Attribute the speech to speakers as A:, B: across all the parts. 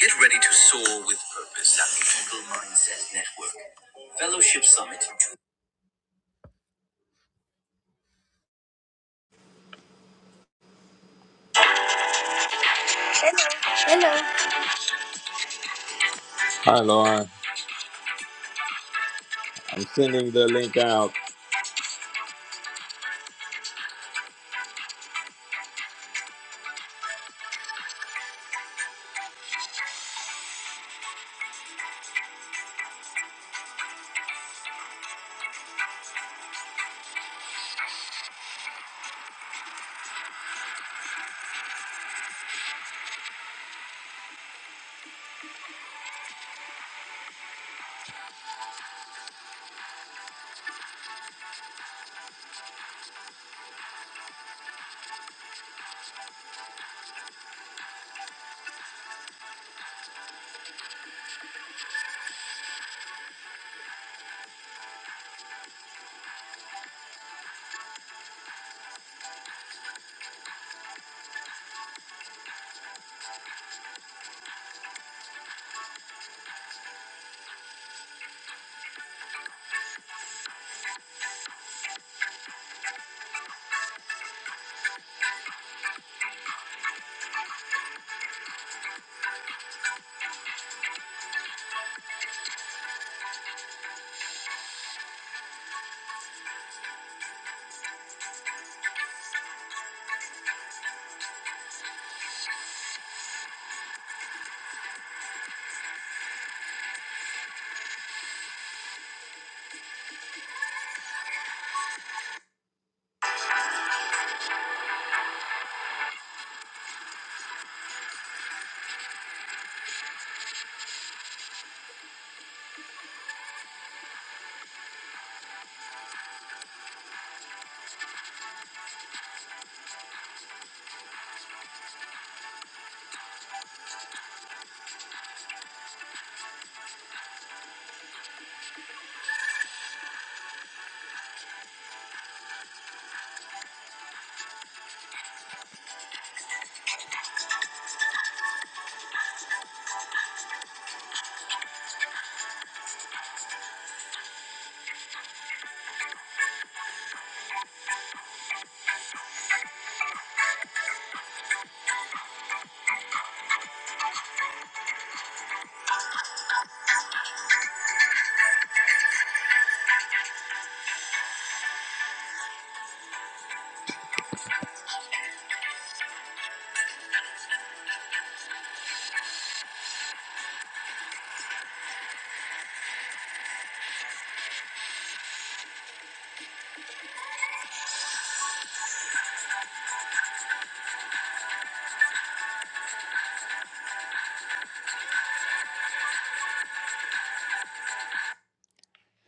A: Get ready to soar with purpose at the Eagle Mindset Network. Fellowship Summit.
B: Hello.
A: Hi, Laura. I'm sending the link out.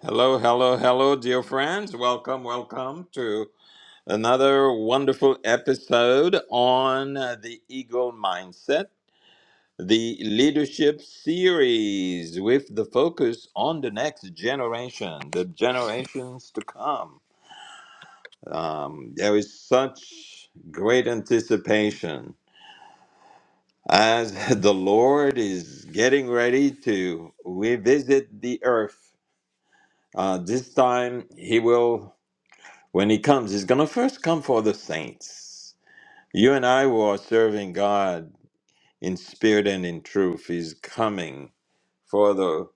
A: Hello, hello, hello, dear friends. Welcome, welcome to another wonderful episode on uh, the Eagle Mindset, the leadership series with the focus on the next generation, the generations to come. Um, there is such great anticipation as the Lord is getting ready to revisit the earth. Uh, this time, He will, when He comes, He's going to first come for the saints. You and I who are serving God in spirit and in truth, He's coming for the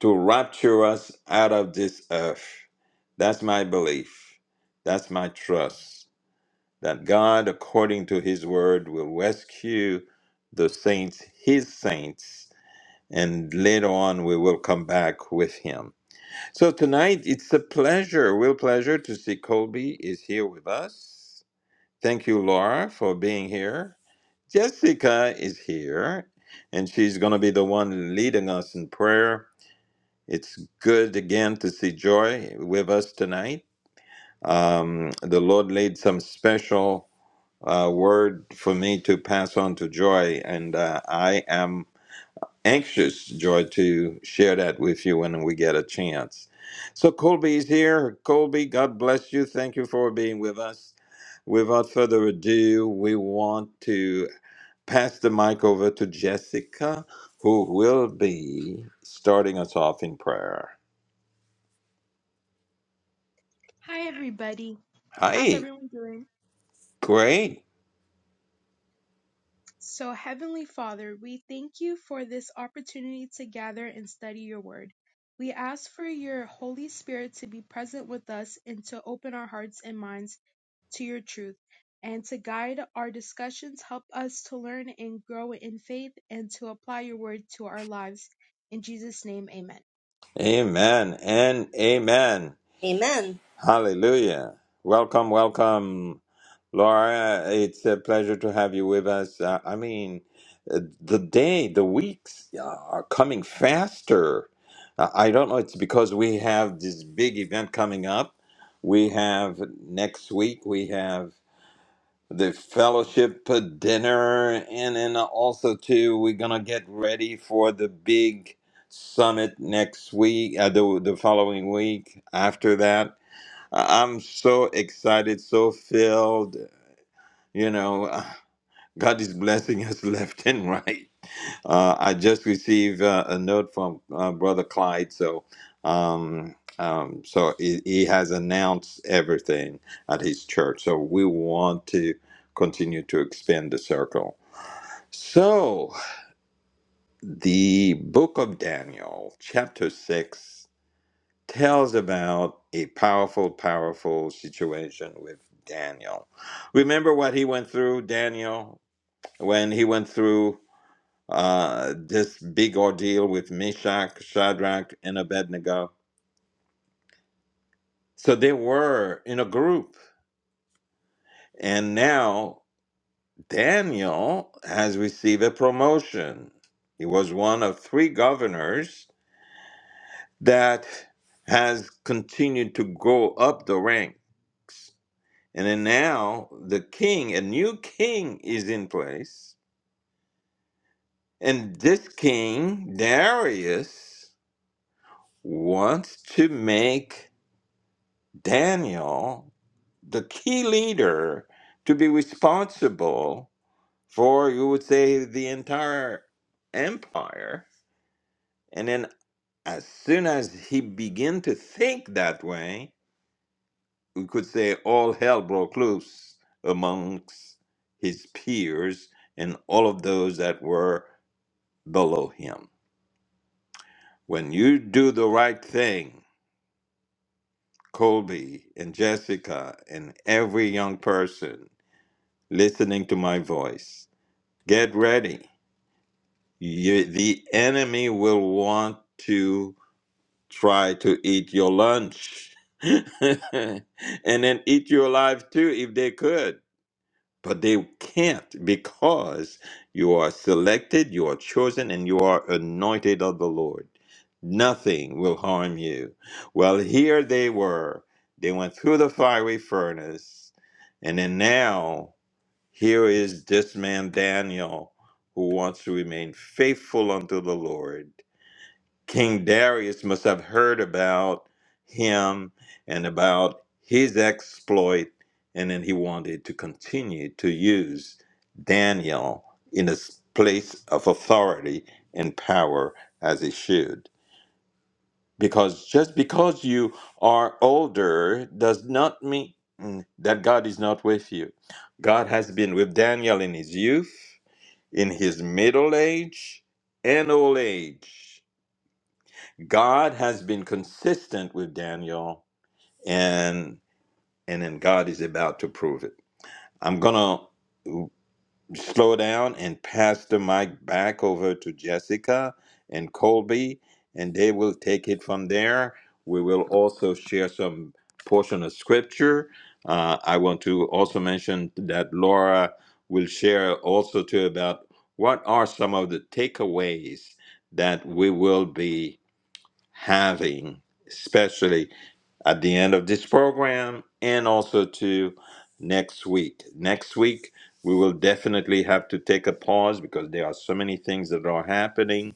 A: to rapture us out of this earth. That's my belief. That's my trust that God, according to His word, will rescue the saints, His saints and later on we will come back with him. So tonight it's a pleasure, a real pleasure to see Colby is here with us. Thank you, Laura, for being here. Jessica is here, and she's going to be the one leading us in prayer. It's good again to see Joy with us tonight. Um, the Lord laid some special uh, word for me to pass on to Joy, and uh, I am anxious, Joy, to share that with you when we get a chance. So Colby's here. Colby, God bless you. Thank you for being with us. Without further ado, we want to pass the mic over to Jessica, who will be starting us off in prayer.
C: Hi, everybody. How's
A: Hi.
C: everyone doing?
A: Great.
C: So, Heavenly Father, we thank you for this opportunity to gather and study your word. We ask for your Holy Spirit to be present with us and to open our hearts and minds to your truth and to guide our discussions. Help us to learn and grow in faith and to apply your word to our lives. In Jesus' name, amen.
A: Amen and amen.
B: Amen.
A: Hallelujah. Welcome, welcome. Laura, it's a pleasure to have you with us. Uh, I mean, uh, the day, the weeks uh, are coming faster. Uh, I don't know, it's because we have this big event coming up. We have next week, we have the fellowship uh, dinner, and then also, too, we're going to get ready for the big summit next week, uh, the, the following week after that. I- I'm so excited, so filled you know, uh, God is blessing us left and right. Uh, I just received uh, a note from uh, Brother Clyde, so um, um, so he, he has announced everything at his church. So we want to continue to expand the circle. So the book of Daniel, chapter six, tells about a powerful, powerful situation with Daniel. Remember what he went through, Daniel? when he went through uh, this big ordeal with Meshach, Shadrach, and Abednego. So they were in a group. And now Daniel has received a promotion. He was one of three governors that has continued to go up the rank. And then now the king, a new king, is in place. And this king, Darius, wants to make Daniel, the key leader, to be responsible for, you would say, the entire empire. And then, as soon as he began to think that way, we could say all hell broke loose amongst his peers and all of those that were below him. When you do the right thing, Colby and Jessica and every young person listening to my voice, Get ready. You, the enemy will want to try to eat your lunch and then eat you alive too if they could. But they can't because you are selected, you are chosen, and you are anointed of the Lord. Nothing will harm you. Well, here they were. They went through the fiery furnace, and then now. Here is this man Daniel who wants to remain faithful unto the Lord. King Darius must have heard about him and about his exploit, and then he wanted to continue to use Daniel in his place of authority and power as he should because just because you are older does not mean that God is not with you. God has been with Daniel in his youth, in his middle age, and old age. God has been consistent with Daniel, and and then God is about to prove it. I'm gonna slow down and pass the mic back over to Jessica and Colby, and they will take it from there. We will also share some portion of scripture. Uh, I want to also mention that Laura will share also too about what are some of the takeaways that we will be having, especially at the end of this program and also to next week. Next week, we will definitely have to take a pause because there are so many things that are happening.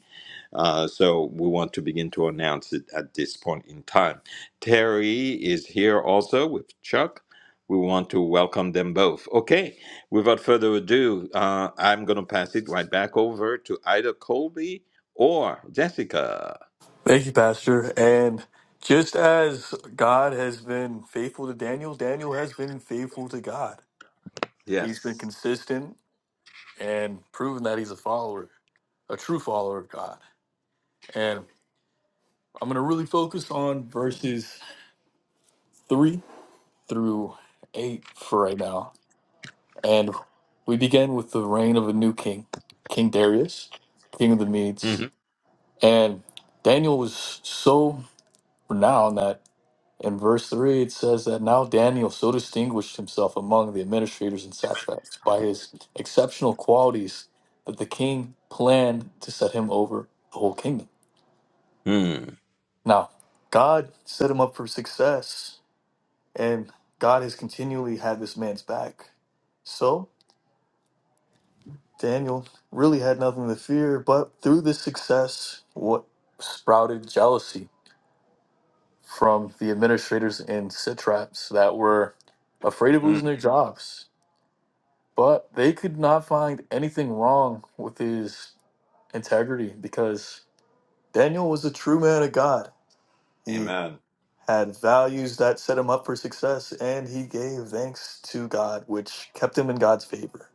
A: Uh, so we want to begin to announce it at this point in time. Terry is here also with Chuck. We want to welcome them both. Okay, without further ado, uh, I'm going to pass it right back over to either Colby or Jessica.
D: Thank you, Pastor. And just as God has been faithful to Daniel, Daniel has been faithful to God. He's been
A: Yes.
D: consistent and proven that he's a follower, a true follower of God. And I'm going to really focus on verses 3 through 8 for right now. And we begin with the reign of a new king, King Darius, king of the Medes.
A: hmm
D: And Daniel was so renowned that In verse 3, it says that now Daniel so distinguished himself among the administrators and satraps by his exceptional qualities that the king planned to set him over the whole kingdom.
A: Mm.
D: Now, God set him up for success, and God has continually had this man's back. So, Daniel really had nothing to fear, but through this success, what sprouted jealousy from the administrators and satraps that were afraid of losing
A: Mm.
D: their jobs But they could not find anything wrong with his integrity because Daniel was a true man of God. He
A: Amen.
D: had values that set him up for success, and he gave thanks to God, which kept him in God's favor.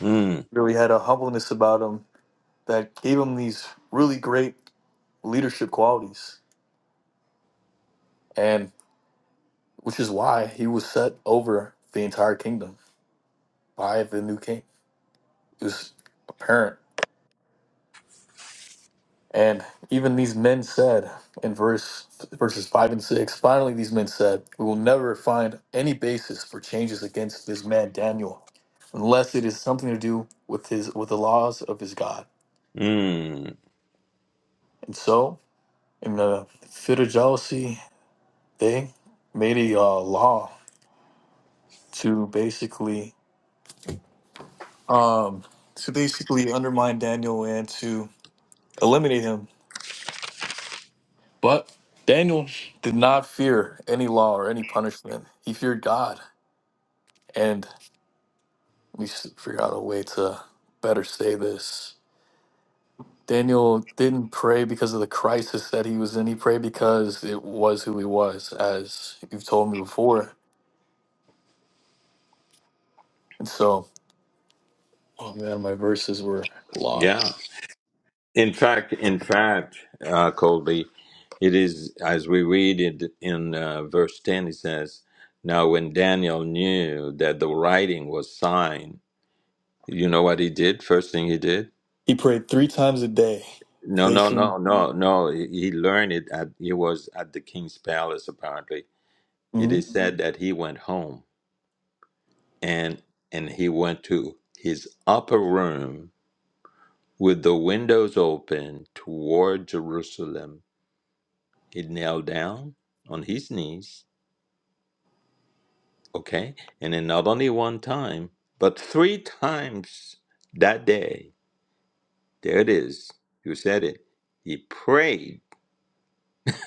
A: Mm,
D: Really had a humbleness about him that gave him these really great leadership qualities, and which is why he was set over the entire kingdom by the new king. It was apparent And even these men said in verse verses five and six, finally these men said, We will never find any basis for changes against this man Daniel, unless it is something to do with his with the laws of his God.
A: mm,
D: And so, in a fit of jealousy, they made a uh, law to basically um to basically undermine Daniel and to eliminate him. But Daniel did not fear any law or any punishment. He feared God. And We should figure out a way to better say this. Daniel didn't pray because of the crisis that he was in. He prayed because it was who he was, as you've told me before. And so, oh man, my verses were
A: yeah.
D: lost.
A: In fact, in fact, uh, Colby, it is as we read it in uh, verse ten. It says, "Now when Daniel knew that the writing was signed, you know what he did? First thing he did?
D: He prayed three times a day,
A: No, no,
D: facing.
A: no, no, no. He he learned it. At, he was at the king's palace. Apparently, it
D: Mhm.
A: is said that he went home and and he went to his upper room with the windows open toward Jerusalem." He knelt down on his knees, okay? And then not only one time, but three times that day. There it is. You said it. He prayed.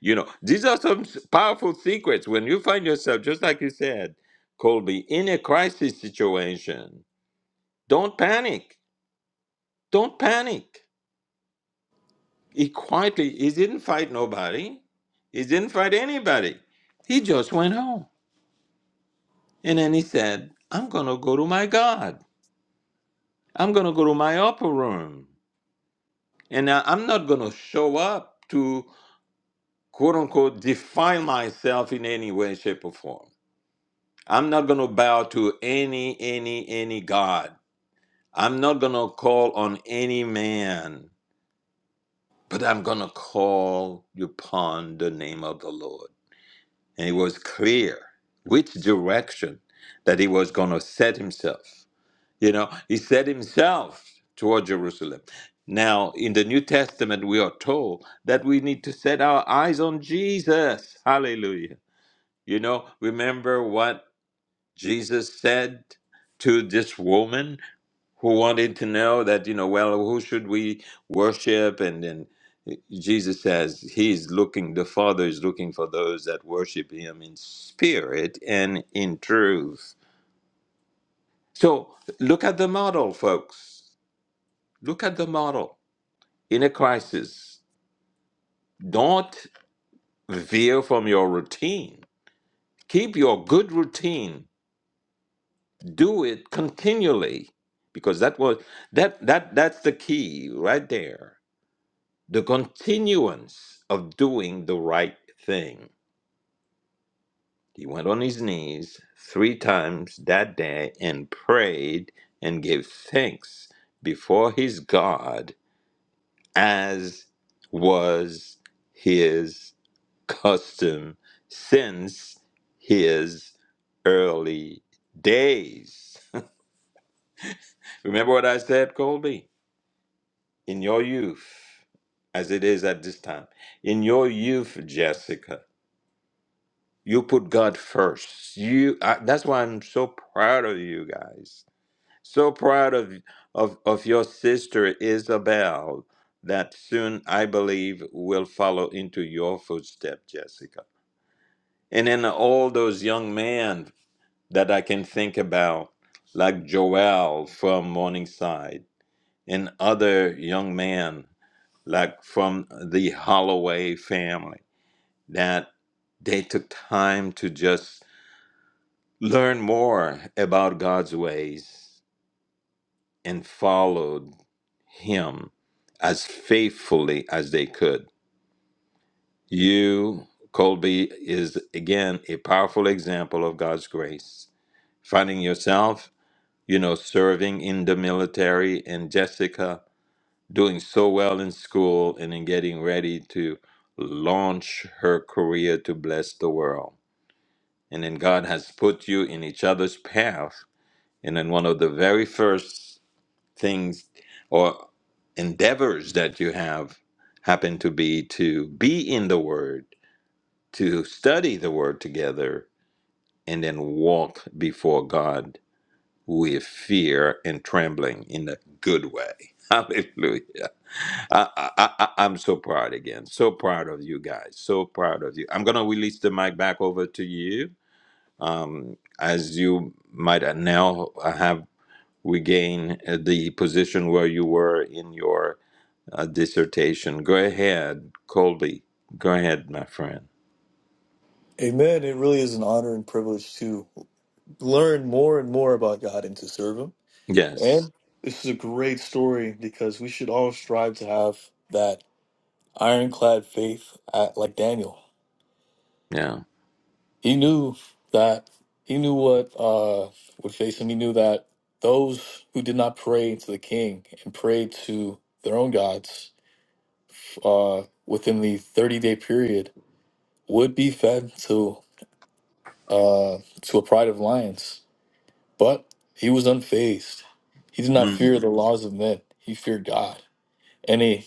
A: you know, these are some s- powerful secrets. When you find yourself, just like you said, Colby, in a crisis situation, don't panic. Don't panic. He quietly, he didn't fight nobody. He didn't fight anybody. He just went home. And then he said, I'm going to go to my God. I'm going to go to my upper room. And I- I'm not going to show up to quote unquote defile myself in any way, shape, or form. I'm not going to bow to any, any, any God. I'm not going to call on any man, but I'm going to call upon the name of the Lord. And it was clear which direction that he was going to set himself. You know, he set himself toward Jerusalem. Now, in the New Testament, we are told that we need to set our eyes on Jesus. Hallelujah. You know, remember what Jesus said to this woman who wanted to know that, you know, well, who should we worship? And then Jesus says, He's looking, the Father is looking for those that worship Him in spirit and in truth. So look at the model, folks. Look at the model. In a crisis, don't veer from your routine. Keep your good routine. Do it continually, because that was that that that's the key right there. The continuance of doing the right thing. He went on his knees three times that day and prayed and gave thanks before his God as was his custom since his early days. Remember what I said, Colby? In your youth, as it is at this time, in your youth, Jessica, you put God first. You I, that's why I'm so proud of you guys. So proud of of of your sister Isabel that soon I believe will follow into your footstep, Jessica. And then all those young men that I can think about, like Joel from Morningside and other young men, like from the Holloway family, that they took time to just learn more about God's ways and followed Him as faithfully as they could. You, Colby, is again a powerful example of God's grace. Finding yourself you know, serving in the military, and Jessica doing so well in school and in getting ready to launch her career to bless the world. And then God has put you in each other's path. And then one of the very first things or endeavors that you have happen to be to be in the Word, to study the Word together, and then walk before God with fear and trembling in a good way. Hallelujah. I, I, I, I'm so proud again. So proud of you guys. So proud of you. I'm going to release the mic back over to you. Um, as you might uh, now have regained uh, the position where you were in your uh, dissertation. Go ahead, Colby. Go ahead, my friend.
D: Amen. It really is an honor and privilege to learn more and more about God and to serve Him.
A: Yes.
D: And this is a great story because we should all strive to have that ironclad faith, at, like Daniel.
A: Yeah.
D: He knew that he knew what uh, would face him. He knew that those who did not pray to the king and prayed to their own gods uh, within the 30 day period would be fed to uh, to a pride of lions. But he was unfazed. He did not
A: hmm
D: fear the laws of men. He feared God in a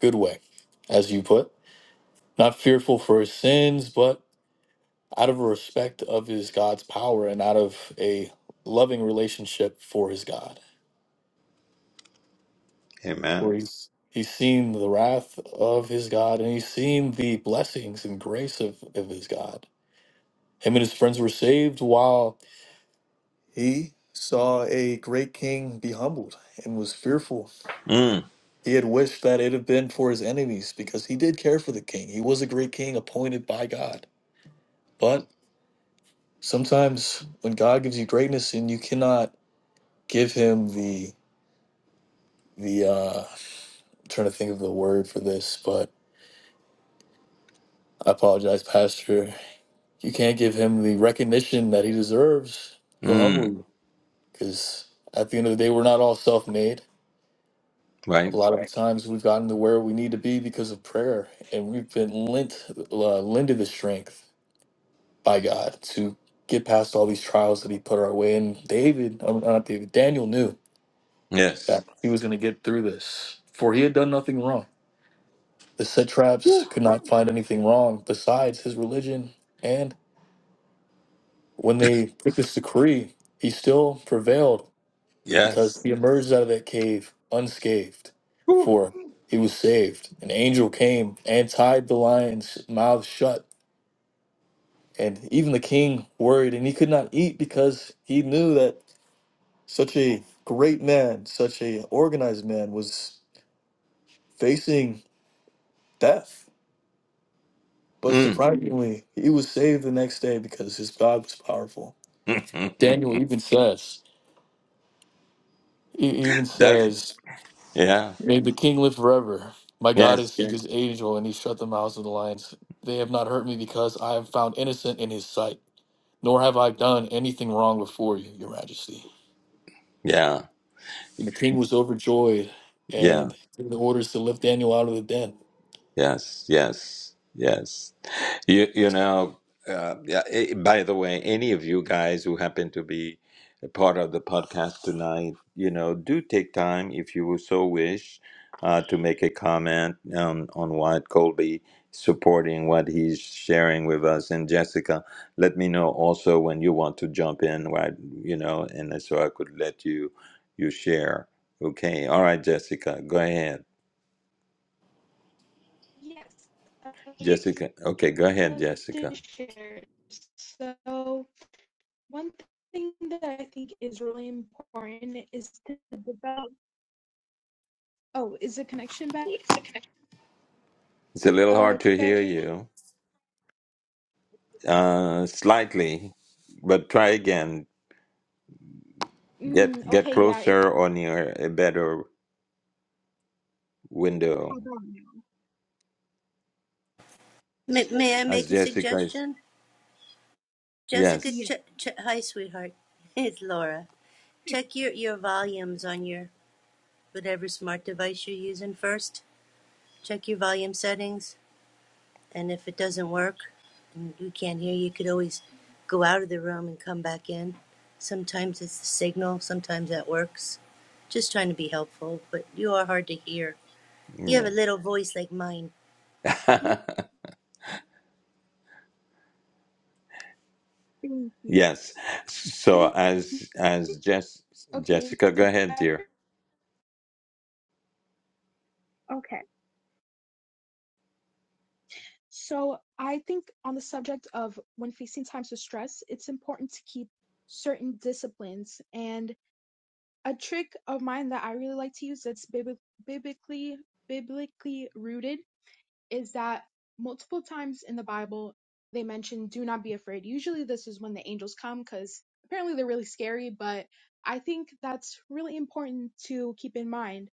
D: good way, as you put, not fearful for his sins, but out of a respect of his God's power and out of a loving relationship for his God,
A: Amen.
D: where he's he's seen the wrath of his God and he's seen the blessings and grace of, of his God. Him and his friends were saved while he saw a great king be humbled and was fearful.
A: Mm.
D: He had wished that it had been for his enemies because he did care for the king. He was a great king appointed by God. But sometimes when God gives you greatness and you cannot give him the the uh I'm trying to think of the word for this, but I apologize, Pastor. You can't give him the recognition that he deserves. He'll humble
A: Mm.
D: you because at the end of the day, we're not all self-made.
A: Right?
D: A lot of Right. times we've gotten to where we need to be because of prayer, and we've been lent, uh, lended the strength by God to get past all these trials that He put our way. And David, uh, not David, Daniel knew
A: Yes.
D: that he was going to get through this, for he had done nothing wrong. The satraps could not find anything wrong besides his religion, and when they took this decree, he still prevailed because
A: Yes.
D: he emerged out of that cave unscathed,
A: Whew.
D: for he was saved. An angel came and tied the lion's mouth shut, and even the king worried, and he could not eat because he knew that such a great man, such a organized man, was facing death. But
A: Mm.
D: surprisingly, he was saved the next day because his God was powerful. Daniel even says, he even
A: That's
D: says,
A: yeah.
D: May the king live forever. My God
A: Yes.
D: is his angel and he shut the mouths of the lions. They have not hurt me because I am found innocent in his sight, nor have I done anything wrong before you, your majesty.
A: Yeah.
D: And the king was overjoyed
A: Yeah.
D: and gave the orders to lift Daniel out of the den
A: Yes. Yes. Yes. You, you know, uh, yeah, eh, by the way, any of you guys who happen to be a part of the podcast tonight, you know, do take time, if you so wish, uh, to make a comment um, on what Colby supporting, what he's sharing with us. And Jessica, let me know also when you want to jump in, right? You know, and so I could let you you share. Okay, all right, Jessica, go ahead.
C: Yes, I'd
A: Jessica, okay, go ahead,
C: love to
A: Jessica.
C: share. So, One thing that I think is really important is to develop. Oh, is the connection back?
A: It's a little
C: Uh,
A: hard
C: can you
A: to
C: guys
A: hear
C: hear me?
A: you. Uh, slightly, but try again. Get
C: Mm,
A: get
C: okay, yeah, it's
A: closer or near a better window.
C: about now?
B: May, may I
A: As
B: make a
A: Jessica is,
B: suggestion? Jessica,
A: yes,
C: Yeah,
B: check, check, hi, sweetheart. It's Laura. Check your, your volumes on your whatever smart device you're using first. Check your volume settings. And if it doesn't work and you can't hear, you could always go out of the room and come back in. Sometimes it's the signal, sometimes that works. Just trying to be helpful, but you are hard to hear. You have
A: yeah,
B: a little voice like mine.
C: mm, thank you.
A: yes. So as as Jess,
C: Okay, is
A: Jessica, go
C: it
A: ahead,
C: better?
A: dear.
C: Okay. So I think on the subject of when facing times of stress, it's important to keep certain disciplines. And a trick of mine that I really like to use that's biblically biblically rooted is that multiple times in the Bible they mention do not be afraid. Usually this is when the angels come cuz apparently they're really scary, but I think that's really important to keep in mind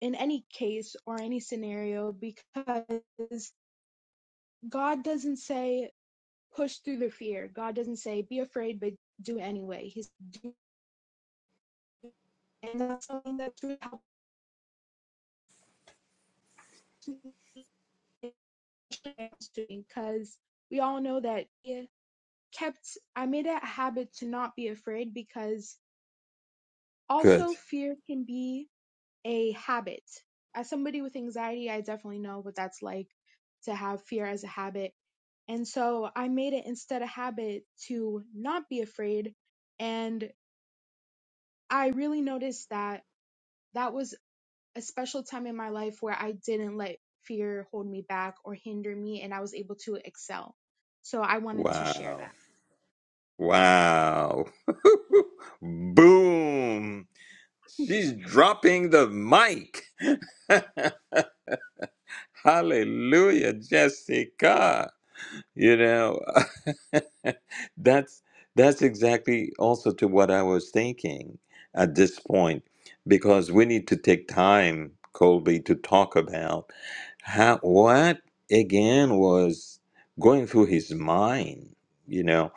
C: in any case or any scenario because God doesn't say push through the fear. God doesn't say be afraid but do anyway. He's do and that's something that's really helpful because we all know that yeah, kept I made it a habit to not be afraid because
A: Good.
C: also fear can be a habit. As somebody with anxiety, I definitely know what that's like to have fear as a habit. And so I made it instead a habit to not be afraid. And I really noticed that that was a special time in my life where I didn't let fear hold me back or hinder me, and I was able to excel. So I wanted to share
A: Wow.
C: that.
A: Wow. Boom. She's dropping the mic. Hallelujah, Jessica. You know, that's that's exactly also to what I was thinking at this point, because we need to take time, Colby, to talk about how what again was going through his mind. You know,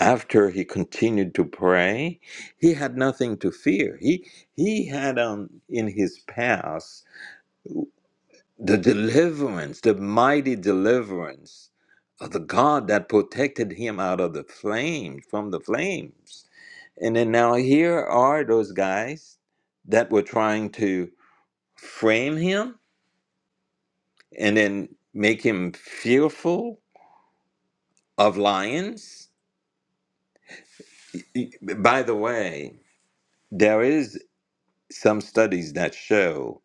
A: after he continued to pray, he had nothing to fear. He he had um in his past the deliverance, the mighty deliverance of the God that protected him out of the flames, from the flames. And then now here are those guys that were trying to frame him and then make him fearful of lions. E, By the way, there is some studies that show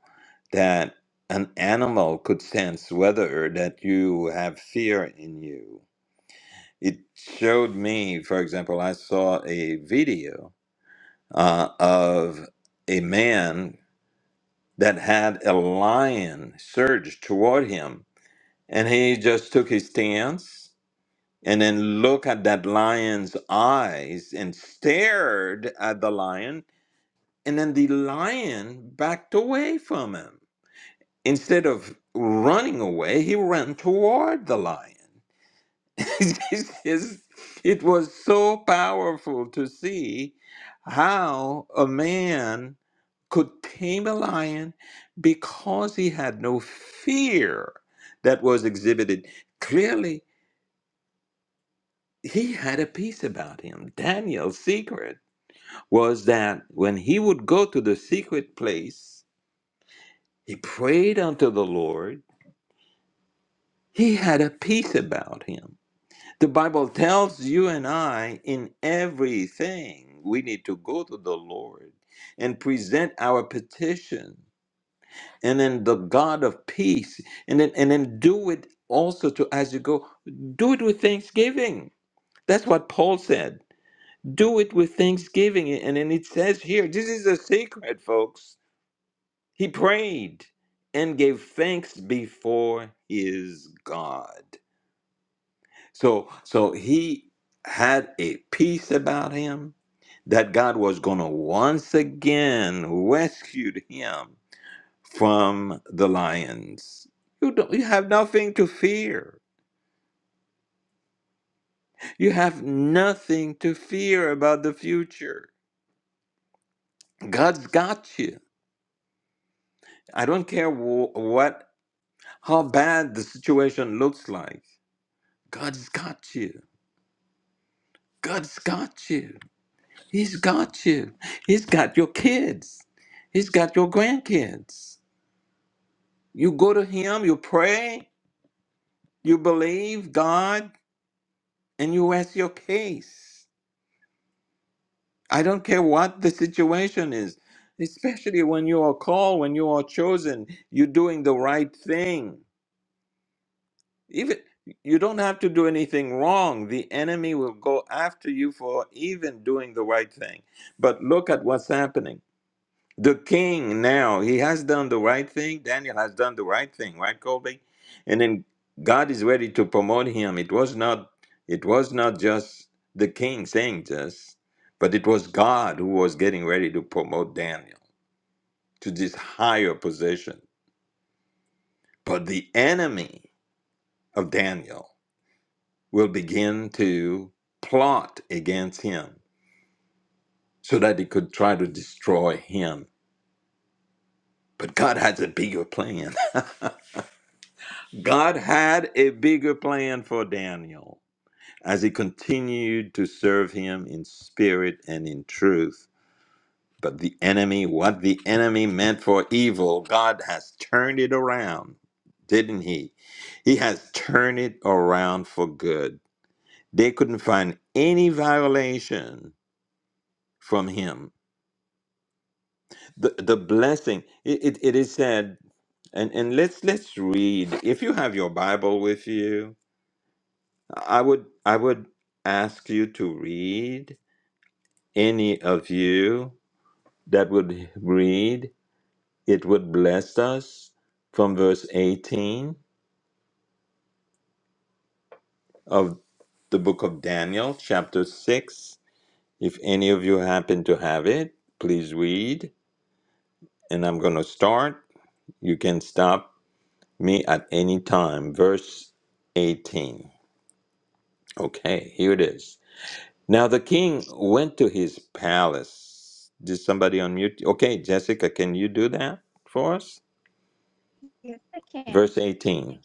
A: that an animal could sense whether that you have fear in you It showed me, for example, I saw a video uh, of a man that had a lion surge toward him, and he just took his stance and then looked at that lion's eyes and stared at the lion, and then the lion backed away from him. Instead of running away, he ran toward the lion. it was so powerful to see how a man could tame a lion because he had no fear that was exhibited. Clearly, he had a peace about him. Daniel's secret was that when he would go to the secret place, he prayed unto the Lord, he had a peace about him. The Bible tells you and I in everything we need to go to the Lord and present our petition and then the God of peace and then and then do it also to as you go do it with thanksgiving. That's what Paul said. Do it with thanksgiving and then it says here this is a secret folks. He prayed and gave thanks before his God. So so he had a peace about him that God was going to once again rescue him from the lions. You don't you have nothing to fear. You have nothing to fear about the future. God's got you. I don't care wh- what how bad the situation looks like. God's got you. God's got you. He's got you. He's got your kids. He's got your grandkids. You go to him, you pray, you believe God, and you ask your case. I don't care what the situation is, especially when you are called, when you are chosen, you're doing the right thing. Even you don't have to do anything wrong. The enemy will go after you for even doing the right thing. But look at what's happening. the king now he has done the right thing daniel has done the right thing right colby and then god is ready to promote him it was not it was not just the king saying this but it was god who was getting ready to promote daniel to this higher position but the enemy of daniel will begin to plot against him so that he could try to destroy him but god has a bigger plan God had a bigger plan for Daniel as he continued to serve him in spirit and in truth. But the enemy, what the enemy meant for evil, God has turned it around, didn't he? He has turned it around for good. They couldn't find any violation from him. The, the blessing, it, it, it is said, and, and let's let's read. If you have your Bible with you, I would I would ask you to read any of you that would read it would bless us from verse 18 of the book of Daniel chapter 6 if any of you happen to have it please read and I'm going to start you can stop me at any time verse 18 okay here it is Now the king went to his palace. Did somebody unmute? Okay, Jessica, can you do that for us?
C: Yes, I can.
A: Verse 18.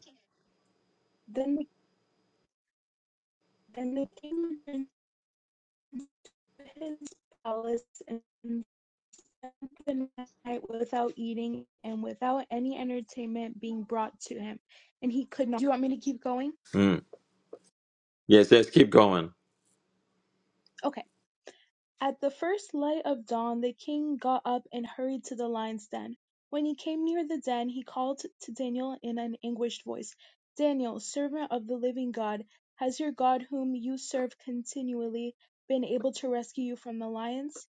C: Then Then the king returned to his palace and spent the night without eating and without any entertainment being brought to him, and he could not. Do you want me to keep going?
A: Mm. Yes, let's keep going.
C: Okay. At the first light of dawn, the king got up and hurried to the lion's den. When he came near the den, he called to Daniel in an anguished voice, Daniel, servant of the living God, has your God whom you serve continually been able to rescue you from the lions?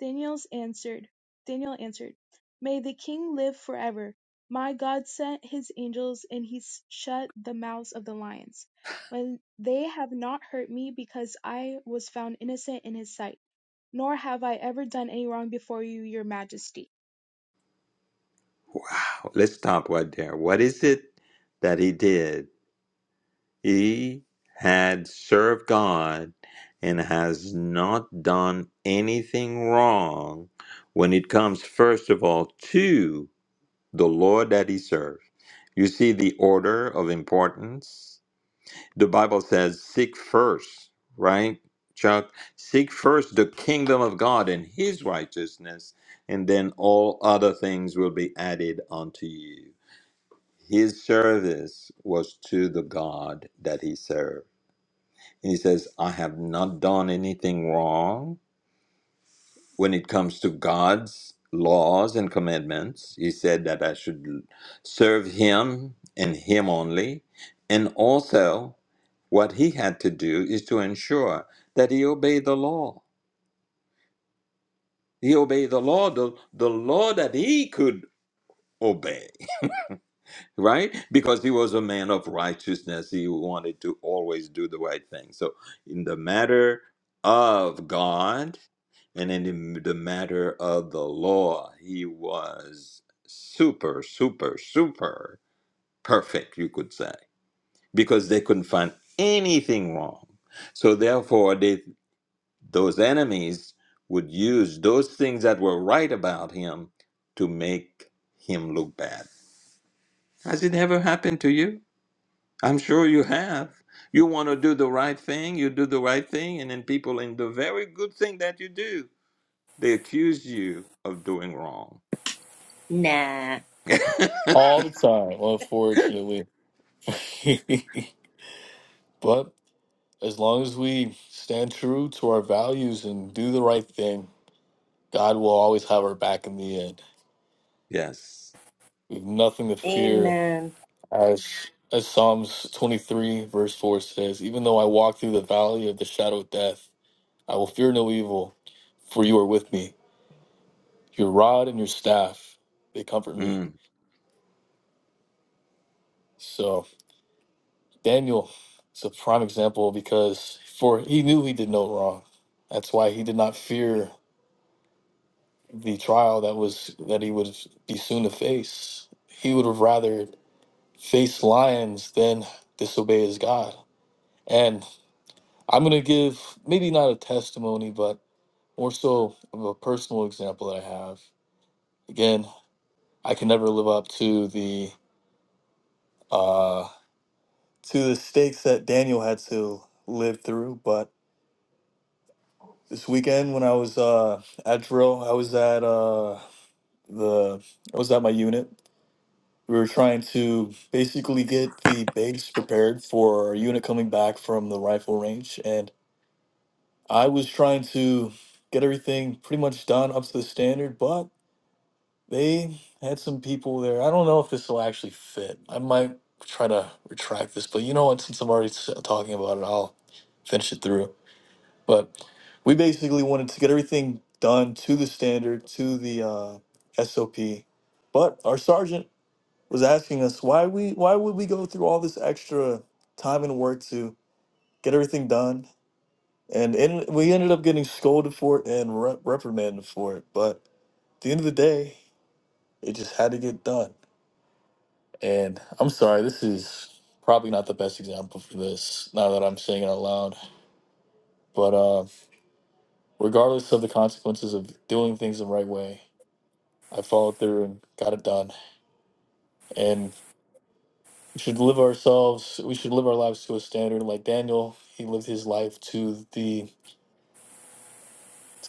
C: Daniel's answered, Daniel answered, May the king live forever. My God sent his angels and he shut the mouths of the lions. When they have not hurt me because I was found innocent in his sight, nor have I ever done any wrong before you, your majesty.
A: Wow, let's stop right there. What is it that he did? He had served God and has not done anything wrong when it comes, first of all, to the Lord that he served. You see the order of importance the Bible says, seek first, right, Chuck? Seek first the kingdom of God and his righteousness, and then all other things will be added unto you. His service was to the God that he served. And he says, I have not done anything wrong when it comes to God's laws and commandments. He said that I should serve him and him only. And also, what he had to do is to ensure that he obeyed the law. He obeyed the law, the, the law that he could obey, right? Because he was a man of righteousness. He wanted to always do the right thing. So, in the matter of God and in the the matter of the law, he was super, super, super perfect, you could say, because they couldn't find anything wrong. So, therefore, they Those enemies would use those things that were right about him to make him look bad. Has it ever happened to you? I'm sure you have. You want to do the right thing, you do the right thing, and then people in the very good thing that you do, they accuse you of doing wrong.
B: Nah.
D: all the time, unfortunately. but as long as we stand true to our values and do the right thing, God will always have our back in the end.
A: yes.
D: You have nothing to fear,
B: Amen.
D: as as Psalms twenty three verse four says. Even though I walk through the valley of the shadow of death, I will fear no evil, for you are with me. Your rod and your staff they comfort me.
A: Mm,
D: So Daniel is a prime example because for he knew he did no wrong. That's why he did not fear the trial that was that he would be soon to face. He would have rather faced lions than disobey his God. and. I'm going to give maybe not a testimony, but more so of a personal example that I have. Again, I can never live up to the uh, to the stakes that Daniel had to live through. But this weekend, when I was uh, at drill, I was at uh, the I was at my unit. We were trying to basically get the base prepared for our unit coming back from the rifle range, and I was trying to get everything pretty much done up to the standard, but They had some people there. I don't know if this will actually fit. I might try to retract this, but you know what? Since I'm already s- talking about it, I'll finish it through. But we basically wanted to get everything done to the standard, to the uh, SOP. But our sergeant was asking us why we why would we go through all this extra time and work to get everything done, and, and we ended up getting scolded for it and re- reprimanded for it. But at the end of the day, it just had to get done. And I'm sorry, this is probably not the best example for this now that I'm saying it out loud. But uh, regardless of the consequences of doing things the right way, I followed through and got it done. And we should live ourselves, we should live our lives to a standard like Daniel. He lived his life to the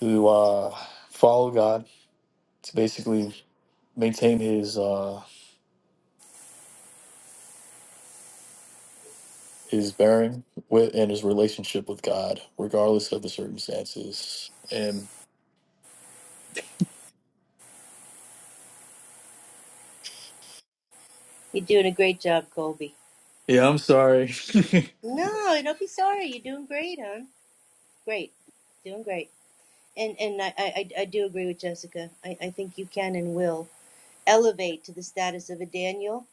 D: to uh, follow God to basically maintain his uh, his bearing with and his relationship with God, regardless of the circumstances. And
B: You're doing a great job, Colby.
D: yeah, I'm sorry.
B: No, don't be sorry. You're doing great, huh? Great, doing great. And and I I, I do agree with Jessica. I, I think you can and will elevate to the status of a Daniel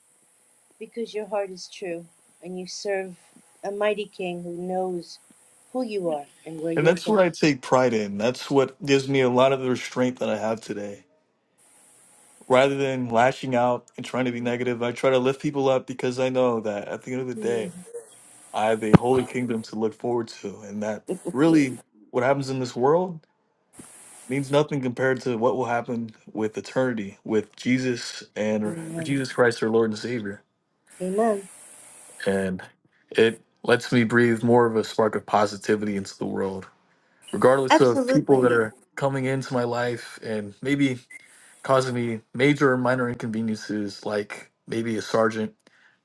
B: because your heart is true and you serve a mighty King who knows who you are and where
D: And
B: you're
D: that's
B: from.
D: what I take pride in. That's what gives me a lot of the restraint that I have today. Rather than lashing out and trying to be
C: Amen.
D: negative, I try to lift people up because I know that at the end of the
B: Mm,
D: day, I have a holy kingdom to look forward to. And that really what happens in this world means nothing compared to what will happen with eternity, with Jesus and or
B: Amen.
D: Jesus Christ, our Lord and Savior.
B: Amen.
D: And it lets me breathe more of a spark of positivity into the world regardless of people that
B: Absolutely.
D: are coming into my life and maybe causing me major or minor inconveniences, like maybe a sergeant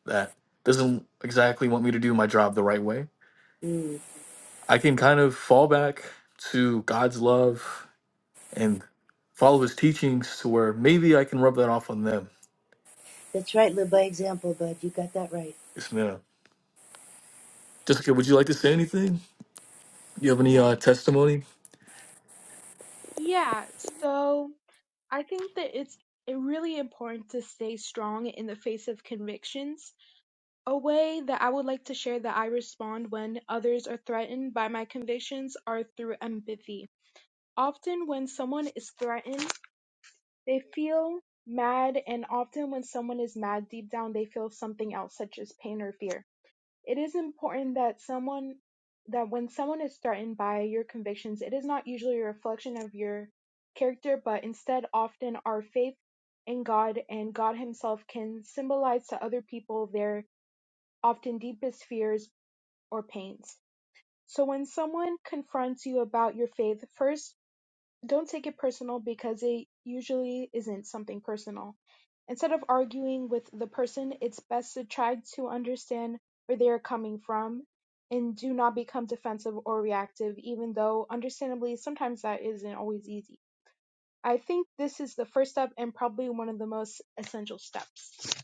D: that doesn't exactly want me to do my job the right way,
B: Mm,
D: I can kind of fall back to God's love and follow his teachings to where maybe I can rub that off on them.
B: that's right. Live by example, bud. You got that right.
D: Yes, ma'am. Jessica, would you like to say anything? Do you have any uh,
C: Amen.
D: testimony?
C: Yeah, so I think that it's really important to stay strong in the face of convictions A way that I would like to share that I respond when others are threatened by my convictions are through empathy. Often when someone is threatened, they feel mad and often when someone is mad deep down they feel something else such as pain or fear. It is important that someone that when someone is threatened by your convictions, it is not usually a reflection of your character, but instead often our faith in God and God himself can symbolize to other people their often deepest fears or pains. So when someone confronts you about your faith, first, don't take it personal because it usually isn't something personal. Instead of arguing with the person, it's best to try to understand where they are coming from and do not become defensive or reactive, even though, understandably, sometimes that isn't always easy. I think this is the first step and probably one of the most essential steps.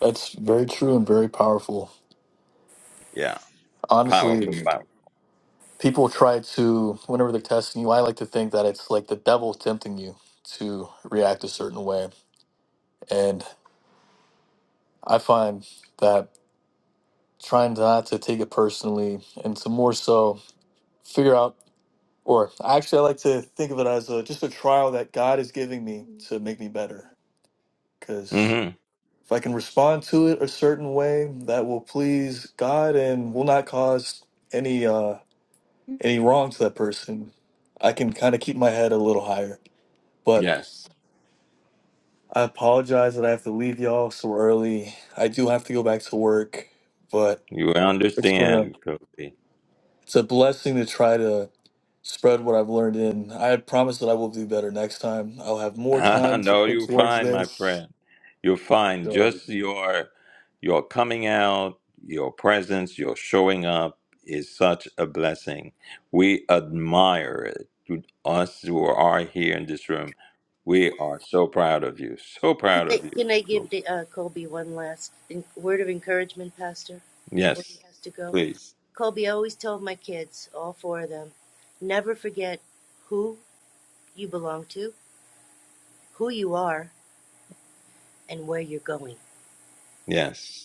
D: That's very true and very powerful.
A: yeah. Powerful
D: Honestly,
A: Powerful.
D: people try to whenever they're testing you i like to think that it's like the devil tempting you to react a certain way and i find that trying not to take it personally and to more so figure out or actually i like to think of it as a, just a trial that god is giving me
C: Mhm.
D: to make me better because
A: hmm
D: if i can respond to it a certain way that will please god and will not cause any uh any wrong to that person i can kind of keep my head a little higher but
A: Yes.
D: I apologize that I have to leave y'all so early. I do have to go back to work, but
A: You
D: it's been a
A: understand, Kobe.
D: it's a blessing to try to spread what I've learned in. I promise that I will do better next time. I'll have more time to
A: no,
D: put
A: you're
D: towards
A: fine, my
D: this.
A: friend. You're fine.
D: So um,
A: Just your your coming out, your presence, your showing up is such a blessing. We admire it. Us who are here in this room, we are so proud of you. So
B: Can
A: proud
B: I,
A: of
B: can I
A: you.
B: give the, uh, Colby one last en- word of encouragement, Pastor, before he
A: Yes,
B: has to go?
A: please.
B: Colby always told my kids, all four of them, never forget who you belong to, who you are, and where you're going.
A: Yes.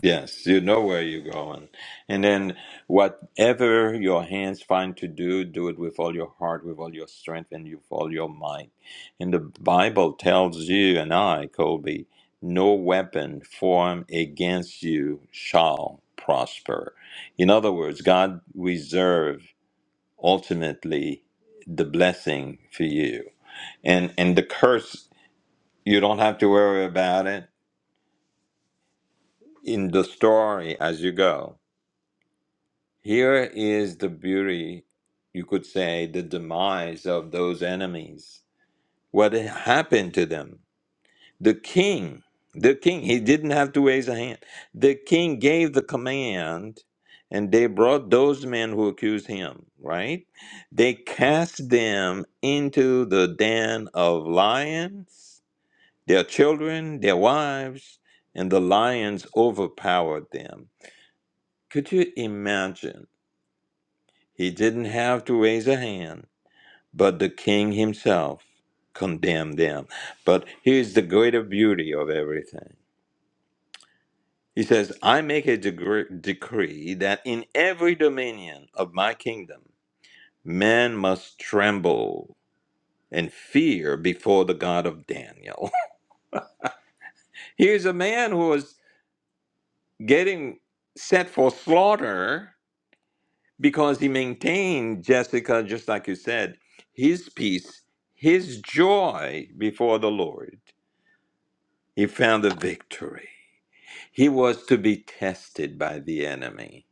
A: Yes, you know where you're going. And then whatever your hands find to do, do it with all your heart, with all your strength, and with all your might. And the Bible tells you and I, Colby, no weapon formed against you shall prosper. In other words, God reserve ultimately the blessing for you. And and the curse, you don't have to worry about it in the story as you go Here is the beauty, you could say, the demise of those enemies. What happened to them? The king, the king, he didn't have to raise a hand. The king gave the command, and they brought those men who accused him, right? They cast them into the den of lions, their children, their wives, and the lions overpowered them. Could you imagine? He didn't have to raise a hand, but the king himself condemned them. But here's the greater beauty of everything. He says, I make a degre- decree that in every dominion of my kingdom, men must tremble and fear before the God of Daniel. here's a man who was getting set for slaughter because he maintained Jessica, just like you said, his peace, his joy before the Lord. He found the victory. He was to be tested by the enemy.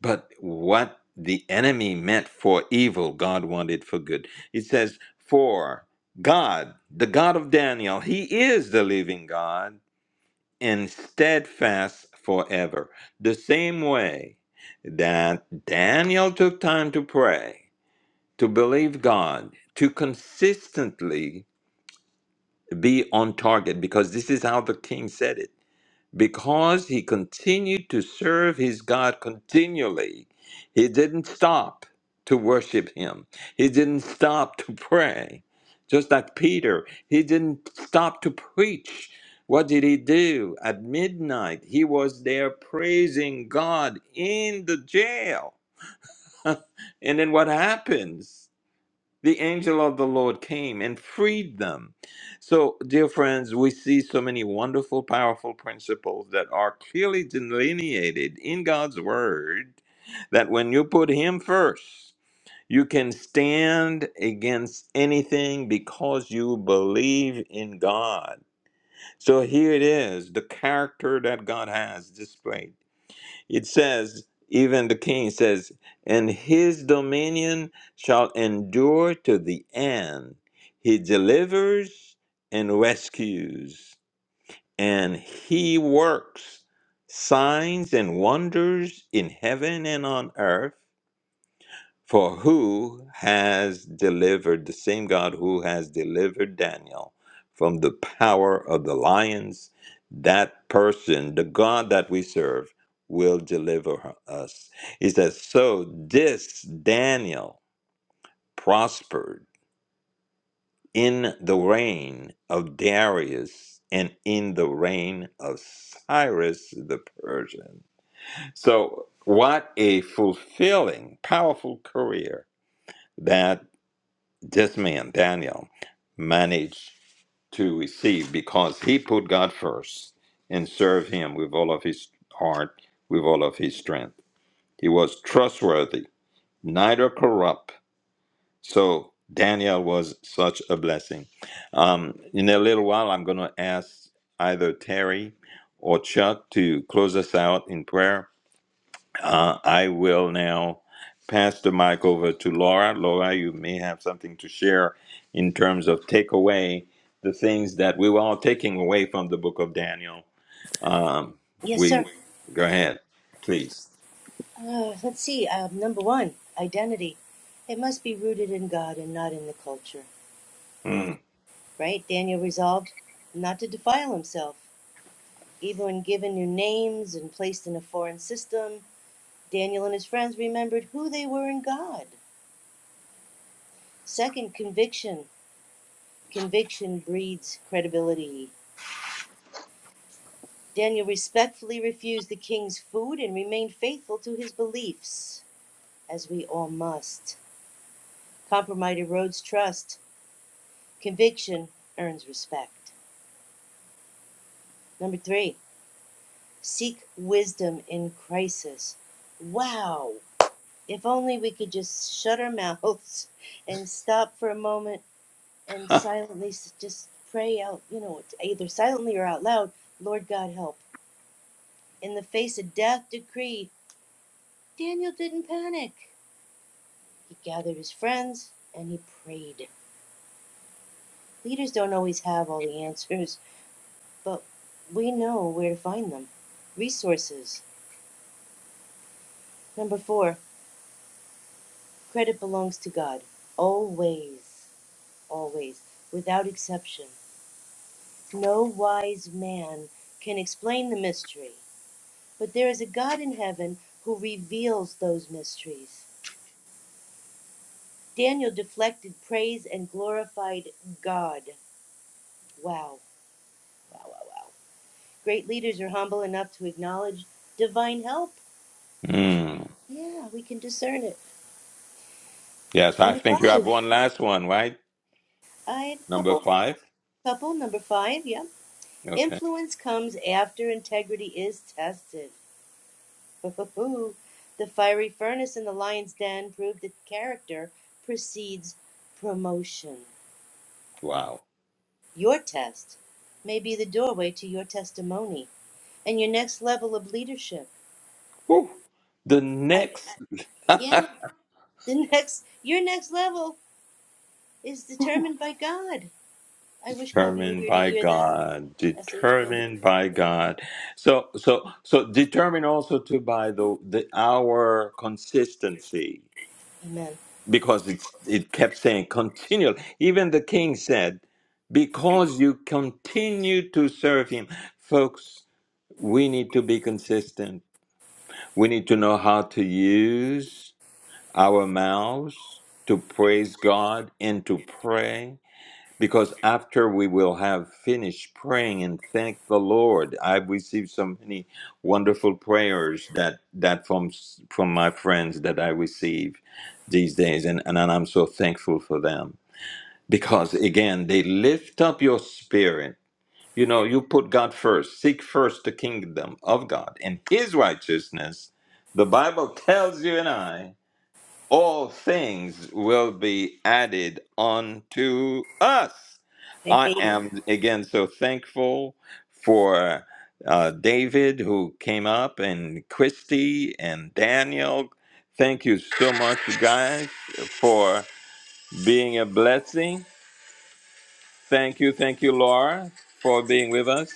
A: But what the enemy meant for evil, God wanted for good. It says, For God, the God of Daniel, he is the living God and steadfast forever. The same way that Daniel took time to pray to believe God, to consistently be on target, because this is how the king said it. Because he continued to serve his God continually, he didn't stop to worship him, he didn't stop to pray. Just like Peter, he didn't stop to preach. What did he do? At midnight, he was there praising God in the jail. and then what happens? The angel of the Lord came and freed them. So, dear friends, we see so many wonderful, powerful principles that are clearly delineated in God's Word that when you put Him first, you can stand against anything because you believe in God. So, here it is the character that God has displayed. It says, even the king says, and his dominion shall endure to the end. He delivers and rescues, and he works signs and wonders in heaven and on earth for who has delivered, the same God who has delivered Daniel from the power of the lions, that person, the God that we serve, will deliver us. He says, So this Daniel prospered in the reign of Darius and in the reign of Cyrus the Persian. So, what a fulfilling, powerful career! that! This man, Daniel, managed to receive because he put God first and served him with all of his heart, with all of his strength. He was trustworthy, neither corrupt. So Daniel was such a blessing. Um, in a little while, I'm going to ask either Terry or Chuck to close us out in prayer. Uh, I will now pass the mic over to Laura. Laura, you may have something to share in terms of take away the things that we were all taking away from the book of Daniel. Um,
B: Yes, sir.
A: we go ahead, please.
B: Uh, let's see. Uh, number one, identity. It must be rooted in God and not in the culture,
A: Mm,
B: right? Daniel resolved not to defile himself. Even when given new names and placed in a foreign system, Daniel and his friends remembered who they were in God. Second, conviction. Conviction breeds credibility. Daniel respectfully refused the king's food and remained faithful to his beliefs, as we all must. Compromise erodes trust, conviction earns respect. Number three, seek wisdom in crisis. Wow! If only we could just shut our mouths and stop for a moment and silently just pray out, you know, either silently or out loud, Lord God help. In the face of death decree, Daniel didn't panic. He gathered his friends and he prayed. Leaders don't always have all the answers, but we know where to find them. Resources. Number four, credit belongs to God. Always, always, without exception. No wise man can explain the mystery, but there is a God in heaven who reveals those mysteries. Daniel deflected praise and glorified God. Wow, wow, wow, wow. Great leaders are humble enough to acknowledge divine help.
A: mm.
B: Yeah, we can discern it.
A: Yes, I
B: Number
A: think you have
B: five,
A: one last one, right?
B: I had a
A: Number
B: couple,
A: five.
B: couple. Number five, yeah.
A: Okay.
B: Influence comes after integrity is tested. the fiery furnace in the lion's den proved that character precedes promotion.
A: Wow.
B: Your test may be the doorway to your testimony and your next level of leadership.
A: Whew. The
B: I,
A: next.
B: yeah, the next, your next level is determined by God. I wish Kobe were
A: determined
B: here to
A: by
B: hear that.
A: God,
B: message. Kobe.
A: determined by God. So so so determined also to by the the our consistency
B: Amen.
A: because it's it kept saying continual. Even the king said, because you continue to serve him, folks. We need to be consistent. We need to know how to use our mouths to praise God and to pray because after we will have finished praying and thank the lord i've received so many wonderful prayers that that from from my friends that i receive these days and and i'm so thankful for them because again they lift up your spirit you know you put god first seek first the kingdom of god and his righteousness the bible tells you and i all things will be added unto us.
B: Hey,
A: I am again so thankful for uh, David who came up and Christy and Daniel. Thank you so much, you guys, for being a blessing. Thank you, thank you, Laura, for being with us.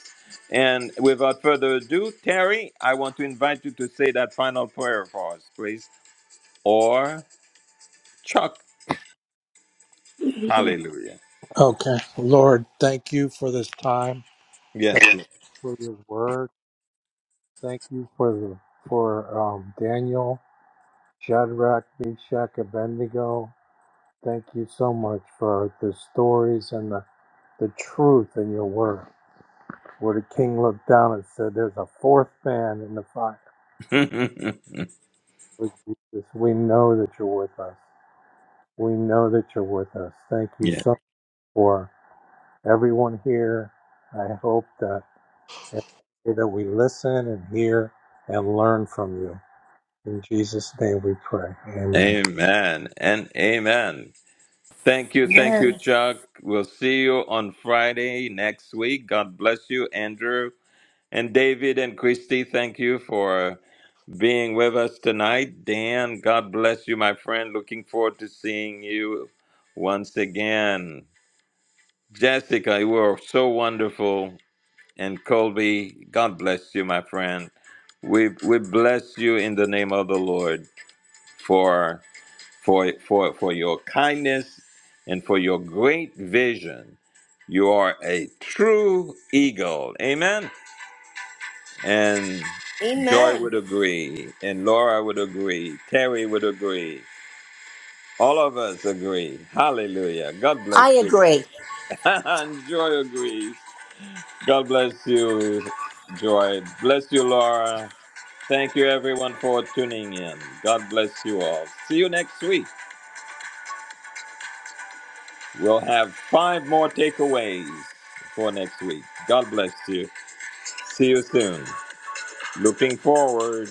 A: And without further ado, Terry, I want to invite you to say that final prayer for us, please. Or Chuck, hallelujah.
E: Okay. Lord, thank you for this time. Thank you
A: Yes.
E: for your word. Thank you for the for um, Daniel, Shadrach, Meshach, Abednego. Thank you so much for the stories and the, the truth in your word. Where the king looked down and said, There's a fourth man in the fire.
A: Lord.
E: Lord Jesus, we know that you're with us. We know that you're with us. Thank you
A: yes.
E: so much for everyone here. I hope that. And pray that we listen and hear and learn from you. In Jesus' name we pray. Amen.
A: Amen and amen. Thank you. Thank you,
B: Amen.
A: Chuck. We'll see you on Friday next week. God bless you, Andrew. And David and Christy, thank you for being with us tonight. Dan, God bless you, my friend. Looking forward to seeing you once again. Jessica, you were so wonderful. And Colby, God bless you, my friend. We, we bless you in the name of the Lord. for for for for your kindness and for your great vision. You are a true eagle. Amen. And
C: Amen.
A: Joy
B: Amen.
A: would agree, and Laura would agree, Terry would agree. All of us agree. Hallelujah. God bless
F: I
A: you
F: agree.
A: guys. and Joy agrees. God bless you, Joy. Bless you, Laura. Thank you, everyone, for tuning in. God bless you all. See you next week. We'll have five more takeaways for next week. God bless you. See you soon. Looking forward.